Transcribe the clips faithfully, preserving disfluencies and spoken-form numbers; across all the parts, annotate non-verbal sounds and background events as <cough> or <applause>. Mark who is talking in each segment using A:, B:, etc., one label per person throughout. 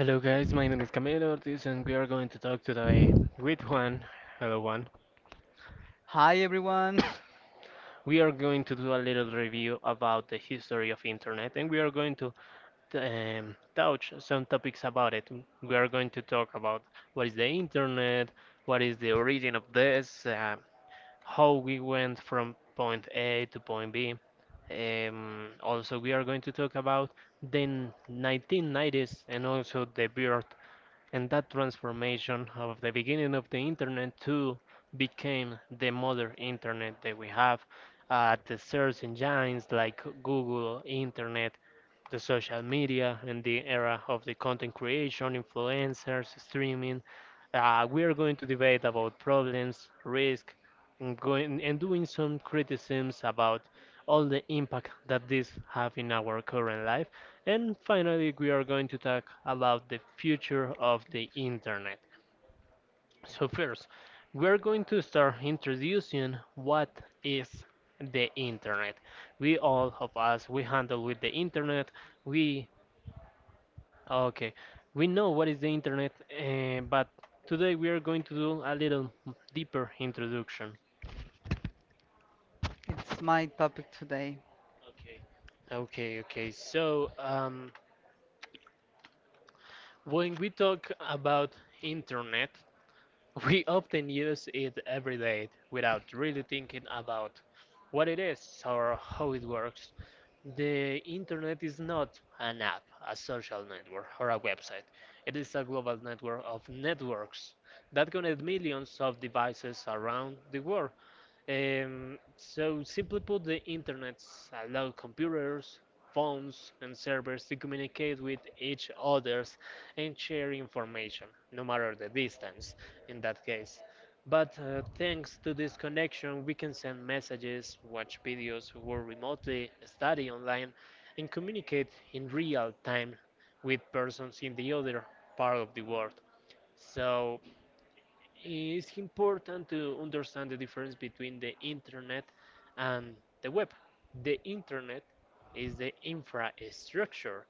A: Hello guys, my name is Camilo Ortiz and we are going to talk today with Juan. Hello Juan.
B: Hi everyone,
A: We are going to do a little review about the history of internet and we are going to um, touch some topics about it. We are going to talk about what is the internet, what is the origin of this, uh, how we went from point A to point B. Um, also, we are going to talk about the nineteen nineties and also the birth and that transformation of the beginning of the internet to became the modern internet that we have uh, the search engines like google internet the social media and the era of the content creation, influencers, streaming. Uh, we are going to debate about problems, risk, and going and doing some criticisms about all the impact that these have in our current life. And finally, we are going to talk about the future of the internet. So first, we are going to start introducing what is the internet. We all of us we handle with the internet. We okay, we know what is the internet, uh, but today we are going to do a little deeper introduction.
B: it's my topic today.
A: Okay. Okay, okay. So, um, when we talk about internet, <laughs> we often use it every day without really thinking about what it is or how it works. The internet is not an app, a social network, or a website. It is a global network of networks that connect millions of devices around the world. Um, so, simply put, the internet allows computers, phones, and servers to communicate with each others and share information, no matter the distance in that case. But uh, thanks to this connection, we can send messages, watch videos, work remotely, study online, and communicate in real time with persons in the other part of the world. So it's important to understand the difference between the internet and the web. The internet is the infrastructure,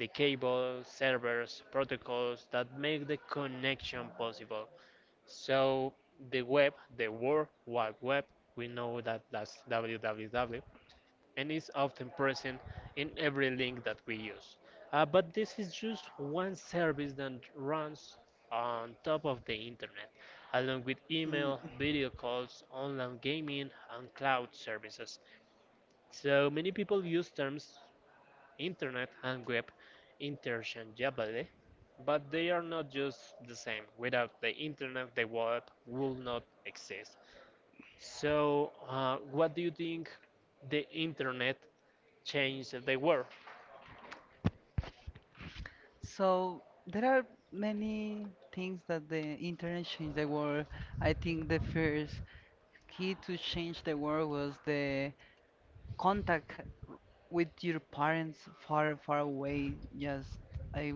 A: the cables, servers, protocols that make the connection possible. So the web, the World Wide Web, we know that that's www, and is often present in every link that we use. Uh, but this is just one service that runs on top of the internet, along with
B: Mm,
A: email, video calls, online gaming, and cloud services. So many people use terms internet and web interchangeably, but they are not just the same. Without the internet, the web will not exist. So, uh, what do you think the internet changed the world?
B: So there are many things that the internet changed the world. I think the first key to change the world was the contact with your parents far, far away. Just I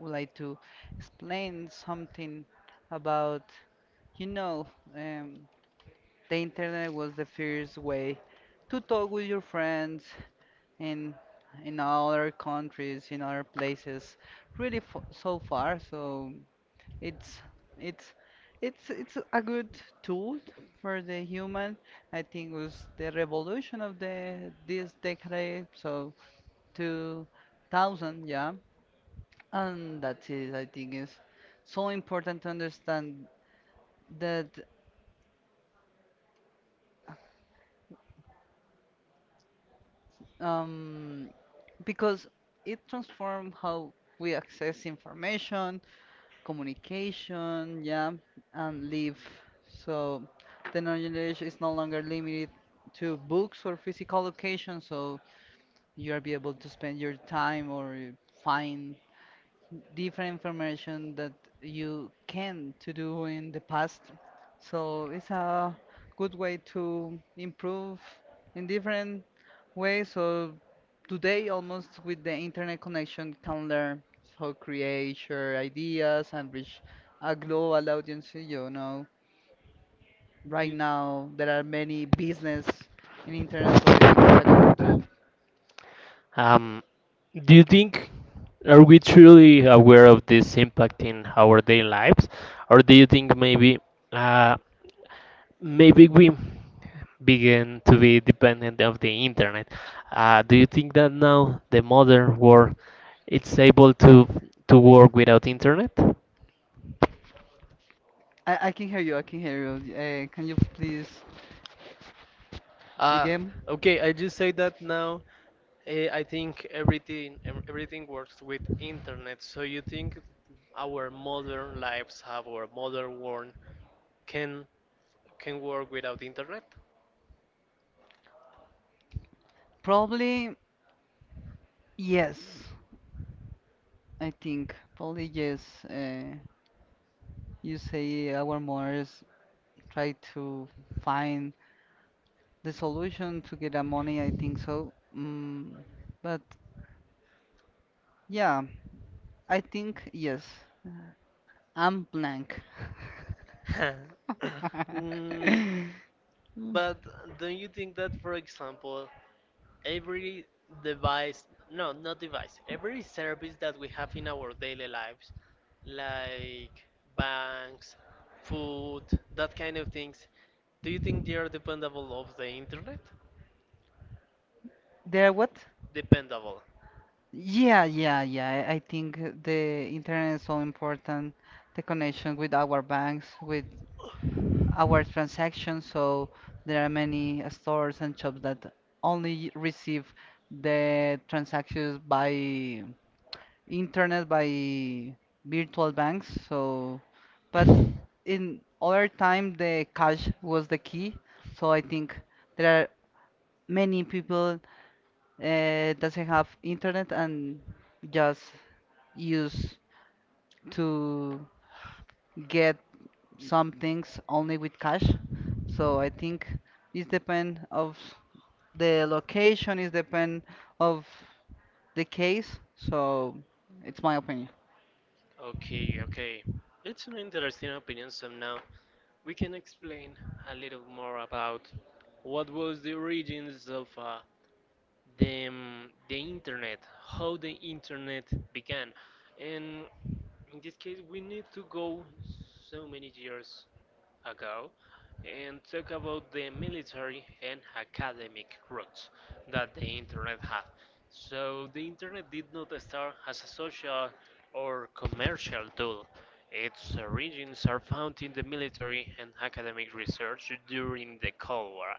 B: would like to explain something about, you know, um, the internet was the first way to talk with your friends in in other countries, in other places, really f so far. So it's it's it's it's a good tool for the human. I think it was the revolution of the this decade, so two thousand, yeah. And that is, I think, is so important to understand that um, because it transforms how we access information, communication, yeah, and live. So the knowledge is no longer limited to books or physical locations, so you are be able to spend your time or find different information that you can to do in the past. So it's a good way to improve in different way, so today almost with the internet connection can learn how create share ideas and reach a global audience, you know. Right now there are many business in internet. So
A: Um, do you think are we truly aware of this impact in our daily lives, or do you think maybe? Uh, Maybe we begin to be dependent of the internet. Uh, do you think that now the modern world it's able to to work without internet?
B: I, I can hear you, I can hear you. Uh, can you please
A: Uh,
B: again?
A: okay, I just say that now. eh, I think everything ev- everything works with internet. So you think our modern lives, our modern world, can can work without internet?
B: Probably yes, I think. Probably yes. Uh, you say our mothers try to find the solution to get a money, I think so. Mm, but yeah, I think yes. I'm blank.
A: <laughs> Mm,
B: <laughs> Mm.
A: but don't you think that, for example, every device no not device every service that we have in our daily lives like banks, food, that kind of things, do you think they are dependable of the internet?
B: There what?
A: Dependable.
B: Yeah, yeah, yeah. I I think the internet is so important, the connection with our banks, with our transactions. So there are many stores and shops that only receive the transactions by internet, by virtual banks. So, but in other time the cash was the key, so I think there are many people, uh, doesn't have internet and just use to get some things only with cash, so I think it depend of the location, it depend of the case, so it's my opinion.
A: Okay, okay, it's an interesting opinion. So now we can explain a little more about what was the origins of uh, the um, the internet, how the internet began, and in this case we need to go so many years ago and talk about the military and academic roots that the internet had. So the internet did not start as a social or commercial tool. Its origins are found in the military and academic research during the Cold War.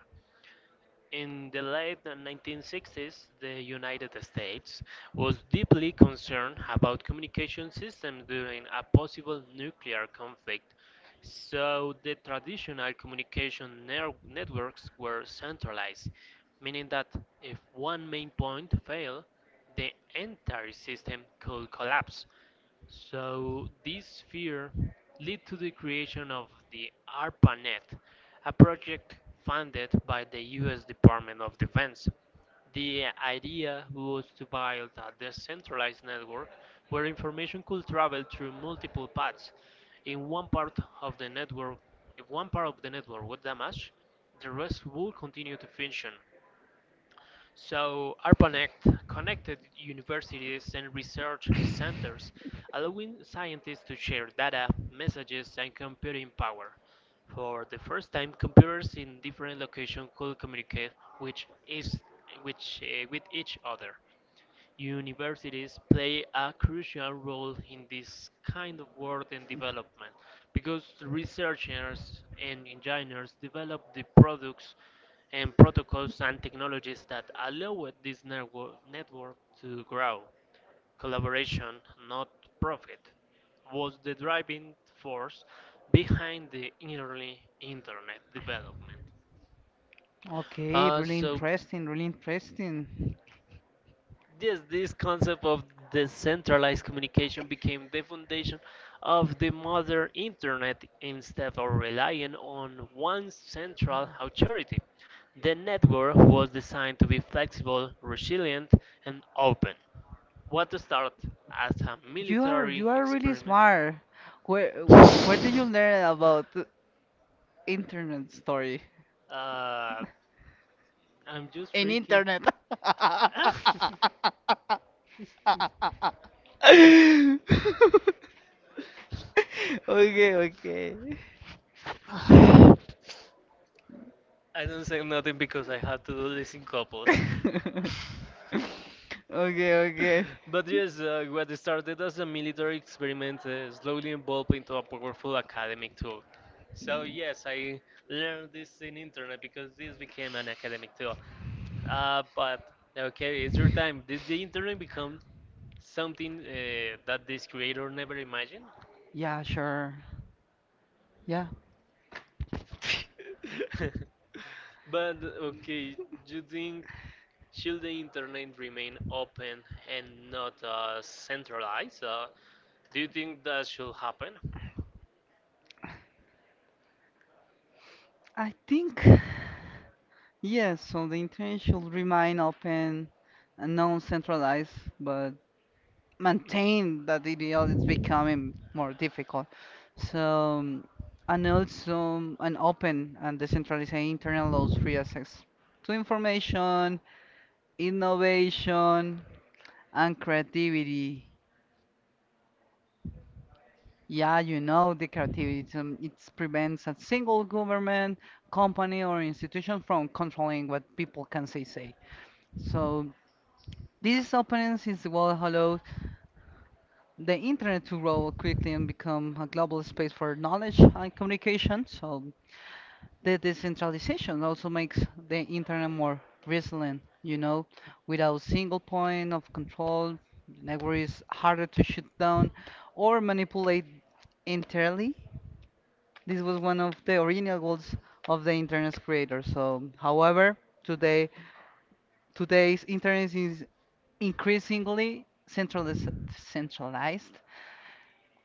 A: In the late nineteen sixties, the United States was deeply concerned about communication systems during a possible nuclear conflict, so the traditional communication ner- networks were centralized, meaning that if one main point failed, the entire system could collapse. So this fear led to the creation of the ARPANET, a project funded by the U S Department of Defense. The idea was to build a decentralized network where information could travel through multiple paths. In one part of the network, if one part of the network was damaged, the rest would continue to function. So ARPANET connected universities and research centers, allowing scientists to share data, messages, and computing power. For the first time, computers in different locations could communicate with each, which, uh, with each other. Universities play a crucial role in this kind of work and development because researchers and engineers develop the products and protocols and technologies that allow this network, network to grow. Collaboration, not profit, was the driving force behind the early internet development.
B: Okay,
A: Uh,
B: really
A: so
B: interesting, really interesting.
A: Yes, this concept of decentralized communication became the foundation of the modern internet instead of relying on one central authority. The network was designed to be flexible, resilient, and open. What started as a
B: You are
A: military
B: you are really
A: experiment?
B: smart. Where where did you learn
A: <laughs>
B: about the internet story?
A: Uh, I'm just
B: In
A: freaky.
B: internet. <laughs> Okay, okay.
A: <laughs> <laughs> I don't say nothing because I had to do this in couples.
B: <laughs>
A: <laughs>
B: Okay, okay.
A: But yes, uh, what started as a military experiment uh, slowly evolved into a powerful academic tool. So yes, I learned this in internet because this became an academic tool. Uh, but okay, it's your time. Did the internet become something uh, that this creator never imagined?
B: Yeah, sure. Yeah.
A: <laughs> But okay, do you think should the internet remain open and not uh, centralized? Uh, do you think that should happen?
B: I think yes, so the internet should remain open and non-centralized, but maintain that ideal is becoming more difficult. So, um, and also um, An open and decentralized internal laws free access to information, innovation, and creativity. Yeah, you know the creativity. It's, um, It prevents a single government, company, or institution from controlling what people can say. say. So this openness is what allows the internet to grow quickly and become a global space for knowledge and communication. So the decentralization also makes the internet more resilient, you know, without a single point of control, the network is harder to shut down or manipulate entirely. This was one of the original goals of the internet's creator. So however, today today's internet is increasingly centralized centralized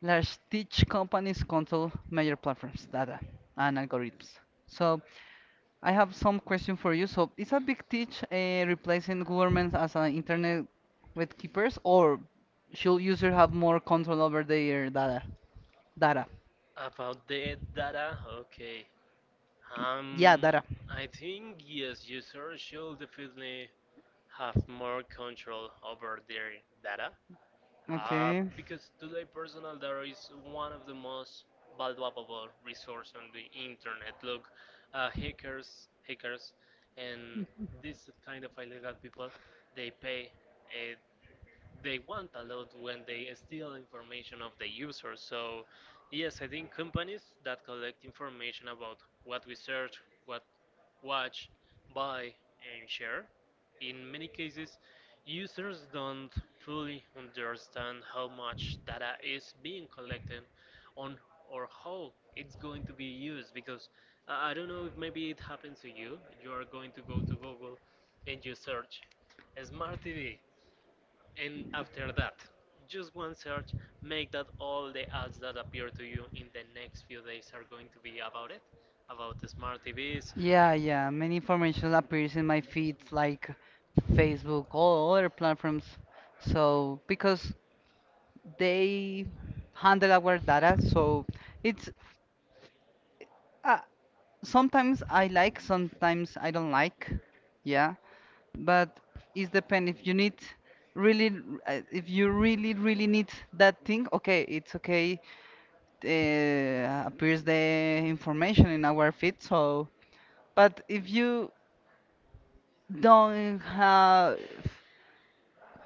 B: Large us teach companies control major platforms, data, and algorithms. So I have some question for you. So is a big teach uh, replacing governments as an internet with keepers, or should users have more control over their data? Data.
A: About the data, okay.
B: Yeah,
A: Um,
B: data.
A: I think yes, users should definitely have more control over their data. Uh,
B: Okay.
A: because today personal data is one of the most valuable resource on the internet. Look, uh, hackers, hackers, and this kind of illegal people, they pay uh, they want a lot when they steal information of the user. So, yes, I think companies that collect information about what we search, what watch, buy, and share, in many cases, users don't fully understand how much data is being collected on or how it's going to be used because uh, I don't know if maybe it happens to you. You are going to go to Google and you search smart T V and after that, just one search, make that all the ads that appear to you in the next few days are going to be about it, about the smart T Vs,
B: Yeah, yeah. Many information appears in my feeds like Facebook, all other platforms. So because they handle our data, so it's uh, sometimes I like, sometimes I don't like. Yeah, but it's depend if you need really, uh, if you really, really need that thing. Okay, it's okay. Uh, appears the information in our feed. So, but if you don't have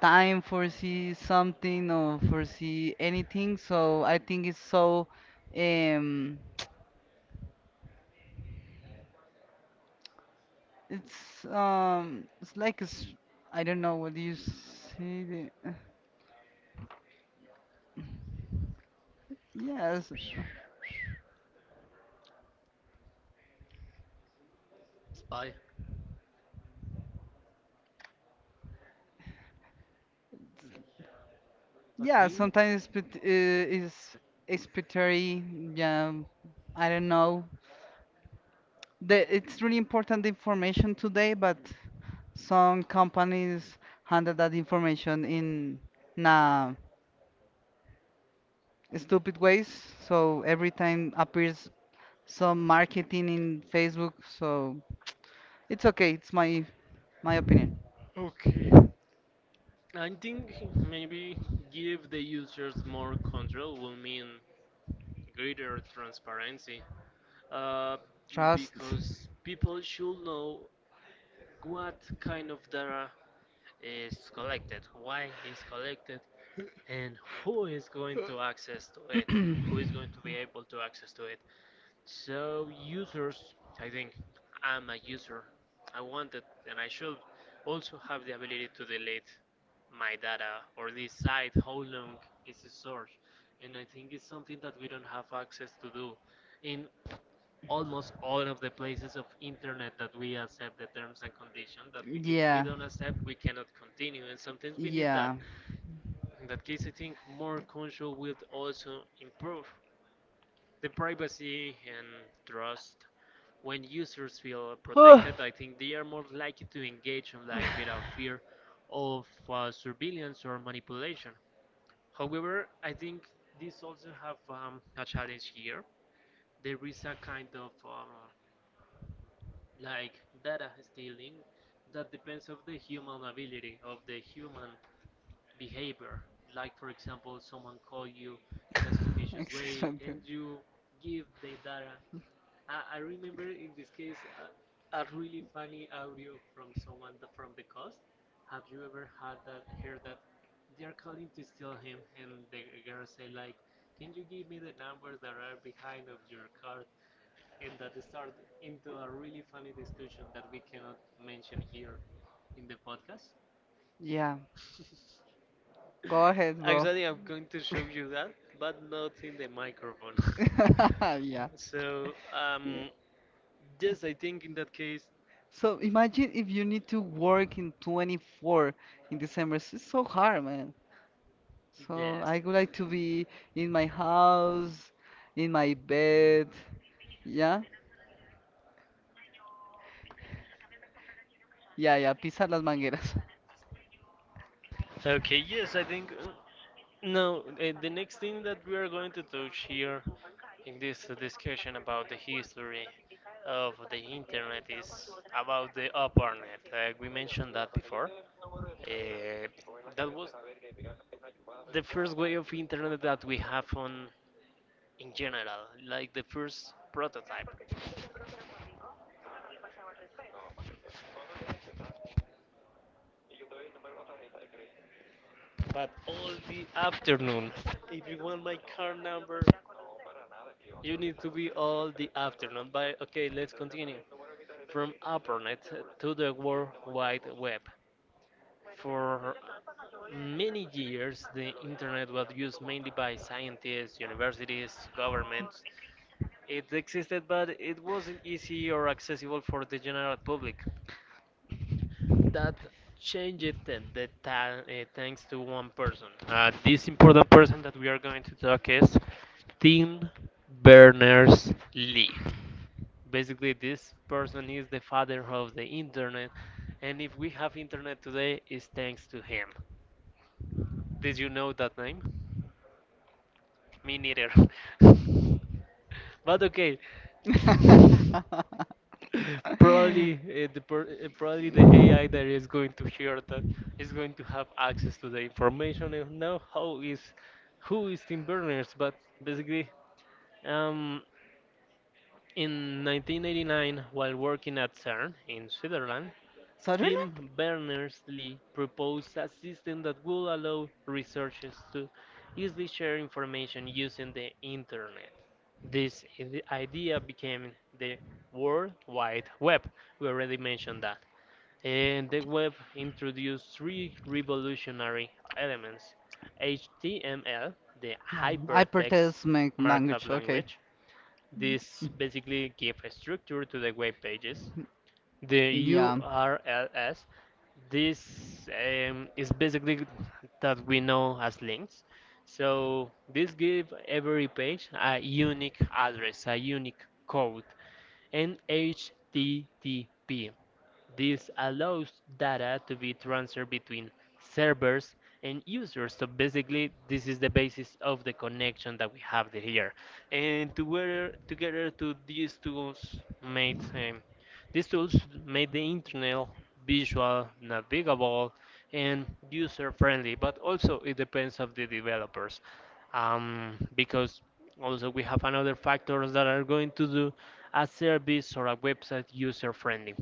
B: time foresee something or foresee anything, so I think it's so. Um, It's um, it's like a s I don't know what do you say. The, yes,
A: spy. I
B: yeah.
A: think.
B: Sometimes it's pit- uh, is it's pitary. Yeah, I don't know. The, it's really important information today, but some companies handle that information in nah stupid ways. So every time appears some marketing in Facebook. So it's okay. It's my my opinion.
A: Okay. I think maybe give the users more control will mean greater transparency. Uh,
B: Trust.
A: because people should know what kind of data is collected, why is collected, and who is going to access to it, who is going to be able to access to it. So users, I think I'm a user. I wanted and I should also have the ability to delete my data or decide how long is stored. And I think it's something that we don't have access to do in almost all of the places of internet that we accept the terms and conditions that we, if we
B: Yeah.
A: don't accept we cannot continue and sometimes we need that.
B: Yeah.
A: In that case I think more control will also improve the privacy and trust. When users feel
B: Huh.
A: protected
B: <laughs>
A: I think they are more likely to engage online without fear of uh, surveillance or manipulation. However I think this also have um, a challenge here. There is a kind of um, like data stealing that depends of the human ability of the human behavior, like for example someone call you in a suspicious way
B: Exactly.
A: and
B: <sighs>
A: you give the data. i, I remember in this case a, a really funny audio from someone that from the coast. Have you ever had that heard that they're calling to steal him and the girl say like can you give me the numbers that are behind of your card? And that start into a really funny discussion that we cannot mention here in the podcast.
B: Yeah. Go ahead,
A: <laughs>
B: bro. <laughs>
A: Actually, I'm going to show
B: <laughs>
A: you that, but not in the microphone.
B: Yeah.
A: <laughs> So, um, yes, I think in that case,
B: So imagine if you need to work in twenty-fourth in December. It's so hard, man. So
A: yes.
B: I would like to be in my house, in my bed. Yeah, yeah, yeah. Pisar las mangueras.
A: Okay, yes, I think. Uh, No, uh, The next thing that we are going to touch here in this discussion about the history of the internet is about the upper net. Uh, we mentioned that before. Uh, that was the first way of internet that we have on in general, like the first prototype. But all the afternoon. If you want my car number, you need to be all the afternoon. But okay, let's continue. From ARPANET to the World Wide Web. For many years, the internet was used mainly by scientists, universities, governments. It existed, but it wasn't easy or accessible for the general public. That changed then, the ta- uh, thanks to one person. Uh, this important person that we are going to talk is Tim Berners-Lee. Basically, this person is the father of the internet, and if we have internet today, it's thanks to him. Did you know that name? Me neither. <laughs> But okay. <laughs> Probably,
B: <laughs>
A: uh, the per uh, probably the A I that is going to hear that is going to have access to the information and know how is who is Tim Berners. But basically, um, in nineteen eighty-nine, while working at CERN in Switzerland,
B: Sutherland?
A: Tim Berners-Lee proposed a system that would allow researchers to easily share information using the internet. This i- idea became the World Wide Web. We already mentioned that. And the web introduced three revolutionary elements: H T M L, the
B: Yeah. I
A: Hypertext
B: protest my
A: Markup
B: language. Okay.
A: Language. This basically gives a structure to the web pages. The
B: Yeah.
A: U R Ls, this um, is basically that we know as links. So this give every page a unique address, a unique code, and H T T P. This allows data to be transferred between servers and users. So basically, this is the basis of the connection that we have the- here. And together, together to these tools made um, these tools made the internet visual, navigable, and user-friendly. But also, it depends of the developers, um, because also we have another factors that are going to do a service or a website user-friendly.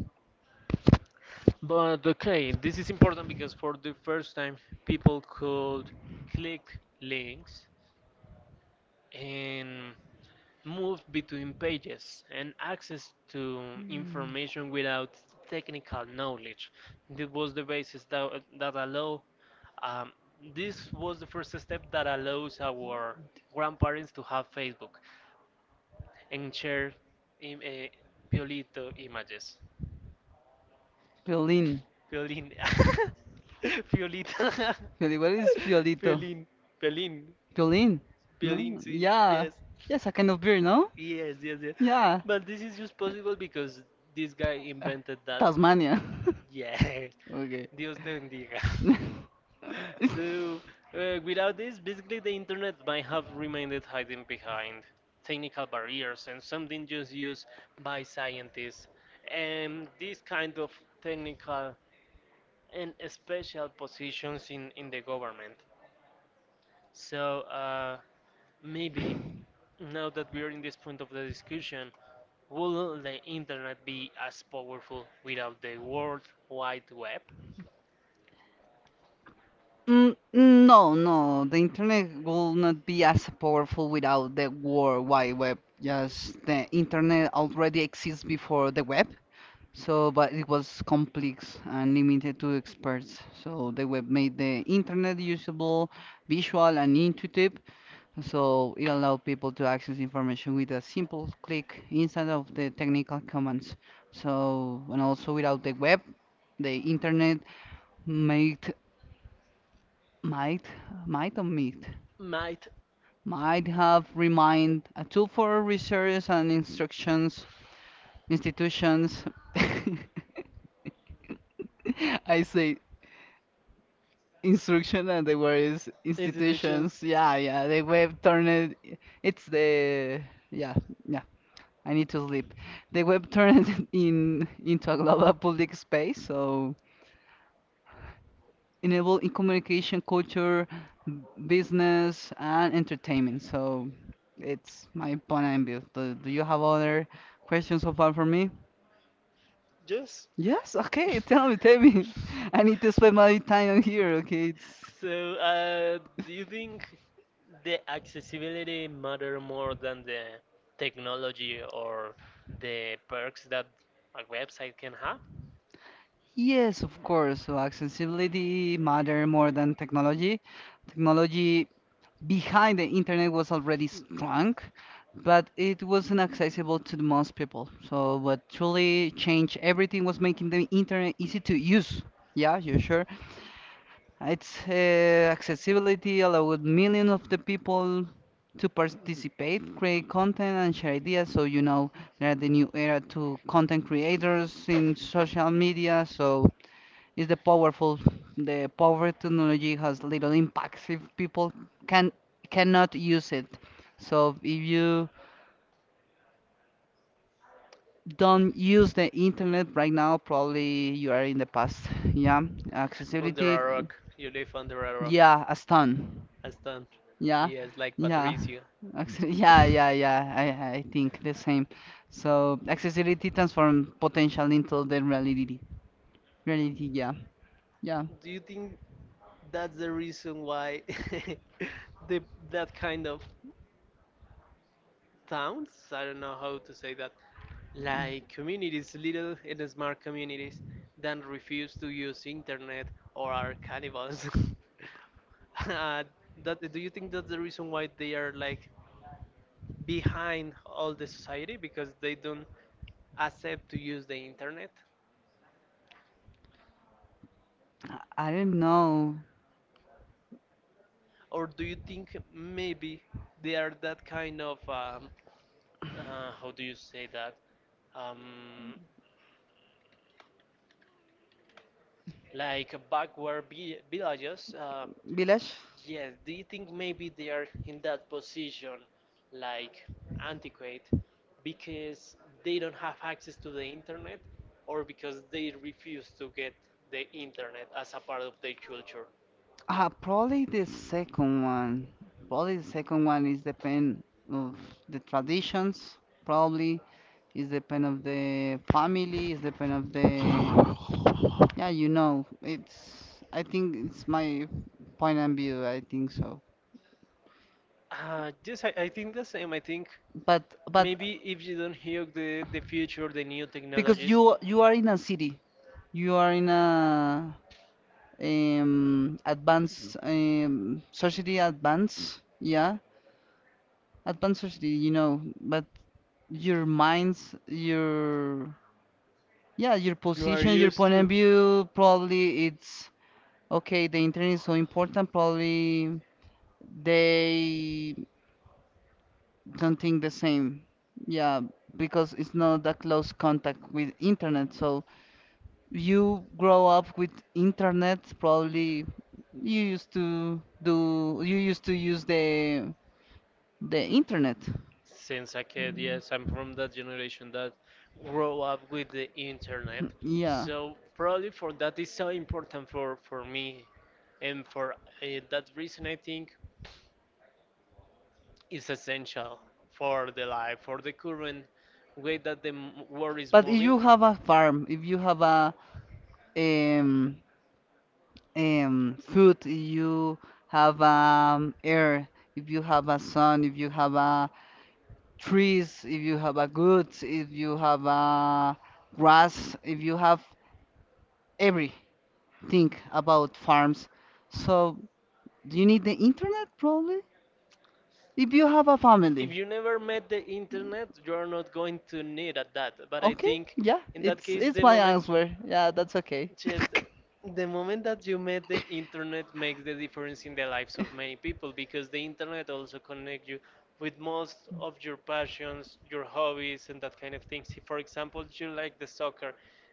A: But okay, this is important because for the first time, people could click links and move between pages and access to information without technical knowledge. This was the basis that, that allow. Um, this was the first step that allows our grandparents to have Facebook and share Im- uh, Piolito images.
B: Piolín.
A: Piolín. <laughs> Piolín. <laughs>
B: Piolín. What is Piolito?
A: Piolín. Piolín.
B: Piolín.
A: Piolín,
B: No?
A: see.
B: Yeah.
A: Yes.
B: Yes, a kind of beer, no?
A: Yes, yes, yes.
B: Yeah.
A: But this is just possible because this guy
B: Uh,
A: invented that.
B: Tasmania. <laughs>
A: Yes.
B: Okay.
A: <laughs> Dios te bendiga. <laughs>
B: <laughs>
A: So, uh, without this, basically the internet might have remained hiding behind technical barriers and something just used by scientists. And this kind of technical and special positions in, in the government. So uh, maybe now that we are in this point of the discussion, will the internet be as powerful without the World Wide Web?
B: Mm, no, no, the internet will not be as powerful without the World Wide Web. Yes, the internet already exists before the web, so, but it was complex and limited to experts. So the web made the internet usable, visual, and intuitive. So it allowed people to access information with a simple click instead of the technical commands. So, and also without the web, the internet might, might, might or might,
A: Might
B: might have remained a tool for research and instructions institutions. <laughs> I say instruction and the word is institutions.
A: institutions?
B: Yeah, yeah. The web turned it's the Yeah, yeah. I need to sleep. The web turned <laughs> in into a global public space, so enable in communication, culture, b- business and entertainment. So it's my point and view. Do, do you have other questions so far for me?
A: Yes.
B: Yes, okay, <laughs>
A: <laughs>
B: tell me, tell me. <laughs> I need to spend my time here, okay? It's...
A: so, uh, do you think the accessibility matter more than the technology or the perks that a website can have?
B: Yes, of course. So accessibility matter more than technology. Technology behind the internet was already strong, but it wasn't accessible to the most people. So what truly changed everything was making the internet easy to use. Yeah, you sure? Its uh, accessibility allowed millions of the people to participate, create content, and share ideas. So you know there are the new era to content creators in social media. So it's the powerful, the power technology has little impacts if people can cannot use it. So if you don't use the internet right now, probably you are in the past. Yeah,
A: Under
B: accessibility.
A: a rock. You live under a rock.
B: Yeah, a stun.
A: A stone.
B: Yeah,
A: Yes, like
B: yeah.
A: Patricio.
B: Actually,
A: <laughs>
B: yeah, yeah, yeah. I, I think the same. So accessibility transform potential into the reality. Reality, yeah, yeah.
A: Do you think that's the reason why <laughs> the that kind of towns, I don't know how to say that, like communities, little and smart communities, then refuse to use internet or are cannibals? <laughs> uh, that do you think that's the reason why they are like behind all the society because they don't accept to use the internet?
B: I don't know.
A: Or do you think maybe they are that kind of um, uh, how do you say that? Um, like backward vi- villages. Uh,
B: Village?
A: yes, do you think maybe they are in that position, like antiquate, because they don't have access to the internet, or because they refuse to get the internet as a part of their culture?
B: Ah, probably the second one. Probably the second one is depend of the traditions. Probably is depend of the family. Is depend of the
A: Uh,
B: Yeah. You know, it's. I think it's my point of view. I think so.
A: yes, I, I think the same. I think
B: but but
A: maybe if you don't hear the, the future, the new
B: because
A: technologies,
B: you you are in a city, you are in a um advanced um society advanced, yeah, advanced society, you know, but your minds, your yeah, your
A: you are
B: position, your
A: used
B: point
A: to.
B: of view, probably it's okay, the internet is so important, probably they don't think the same. Yeah, because it's not that close contact with internet, so you grow up with internet probably you used to do you used to use the the internet.
A: Since a kid, yes, I'm from that generation that grow up with the internet.
B: Yeah,
A: So probably for that is so important for, for me. And for uh, that reason, I think is essential for the life, for the current way that the m- world is
B: but if
A: moving.
B: you have a farm, if you have a um, um, food, if you have um, air, if you have a sun, if you have a trees, if you have a goods, if you have a grass, if you have every think about farms. So, do you need the internet probably? If you have a
A: If you
B: family.
A: never met the internet, you are not going to need at that. But I
B: Okay,
A: think
B: yeah,
A: in that
B: it's
A: case, the
B: it's my
A: moment.
B: answer. Yeah, that's okay.
A: Just
B: <laughs>
A: the moment that you met the internet makes the difference in the lives of many people because the internet also connects you with most of your passions, your hobbies, and that kind of things. If, for example, you like the soccer,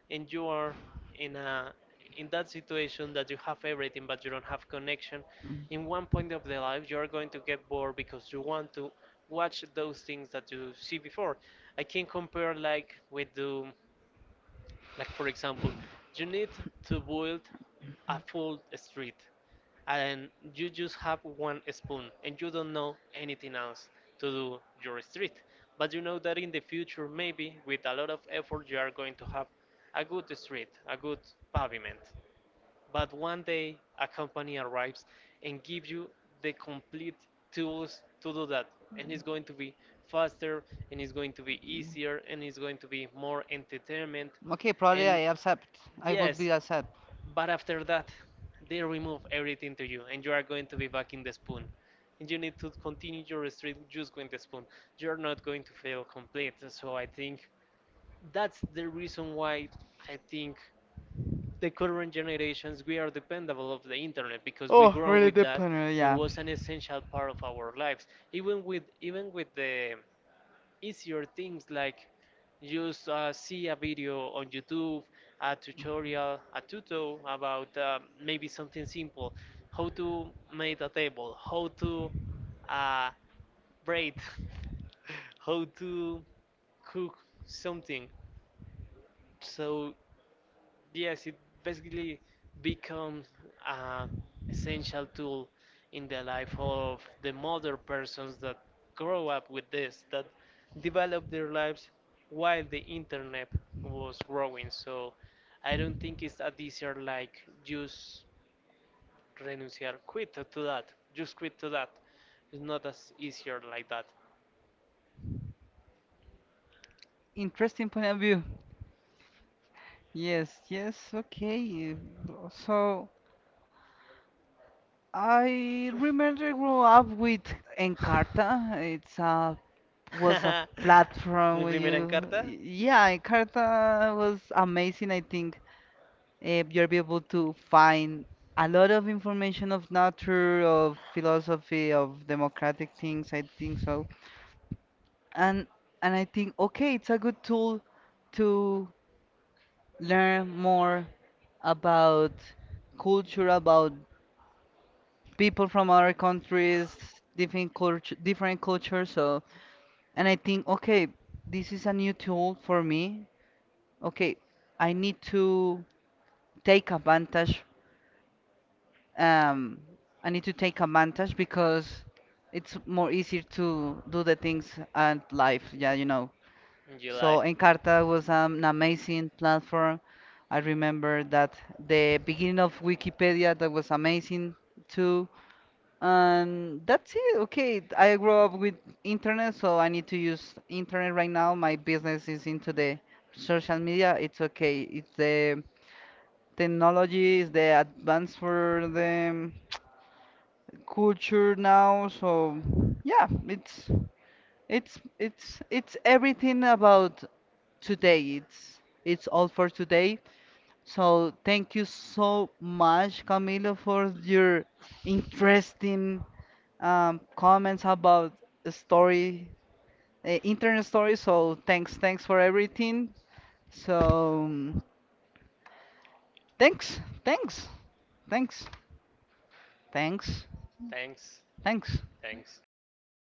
A: and you are in a in that situation that you have everything but you don't have connection, in one point of the life you are going to get bored because you want to watch those things that you see before. I can compare like with the like for example, you need to build a full street and you just have one spoon and you don't know anything else to do your street. But you know that in the future maybe with a lot of effort you are going to have a good street, a good pavement. But one day, a company arrives and gives you the complete tools to do that. And it's going to be faster, and it's going to be easier, and it's going to be more entertainment.
B: Okay, probably
A: And
B: I accept.
A: yes,
B: accept.
A: but after that, they remove everything to you, and you are going to be back in the spoon. And you need to continue your street just with the spoon. You're not going to feel complete. So I think that's the reason why I think the current generations we are dependable of the internet because we grew
B: Oh,
A: up with
B: really good
A: that
B: planner,
A: and
B: yeah.
A: was an essential part of our lives even with even with the easier things like just uh, see a video on youtube, a tutorial, a tuto about uh, maybe something simple, how to make a table, how to uh, braid, <laughs> how to cook something. So yes, it basically becomes an essential tool in the life of the modern persons that grow up with this, that develop their lives while the internet was growing. So I don't think it's that easier like just renunciar, quit to that, just quit to that. It's not as easier like that.
B: Interesting point of view. Yes, yes, okay. So I remember grew up with Encarta. It's a was a
A: <laughs> Mi
B: Platform where
A: primera
B: you,
A: encarta,
B: yeah, Encarta was amazing. I think uh, you're be able to find a lot of information of nature, of philosophy, of democratic things. I think so. and and I think okay, it's a good tool to learn more about culture, about people from other countries, different culture, different cultures. So, and I think okay, this is a new tool for me. Okay, I need to take advantage. Um, I need to take advantage because it's more easier to do the things and life. Yeah, you know.
A: July.
B: So Encarta was an amazing platform. I remember that the beginning of Wikipedia that was amazing too. And that's it. Okay, I grew up with internet, so I need to use internet right now. My business is into the social media. It's okay. It's the technology, it's the advance for the <tsk> culture now. So yeah, it's. It's it's it's everything about today. It's it's all for today. So thank you so much, Camilo, for your interesting um, comments about the story, uh, internet story. So thanks, thanks for everything. So um, thanks, thanks, thanks, thanks,
A: Thanks.
B: thanks.
A: Thanks.
B: <laughs>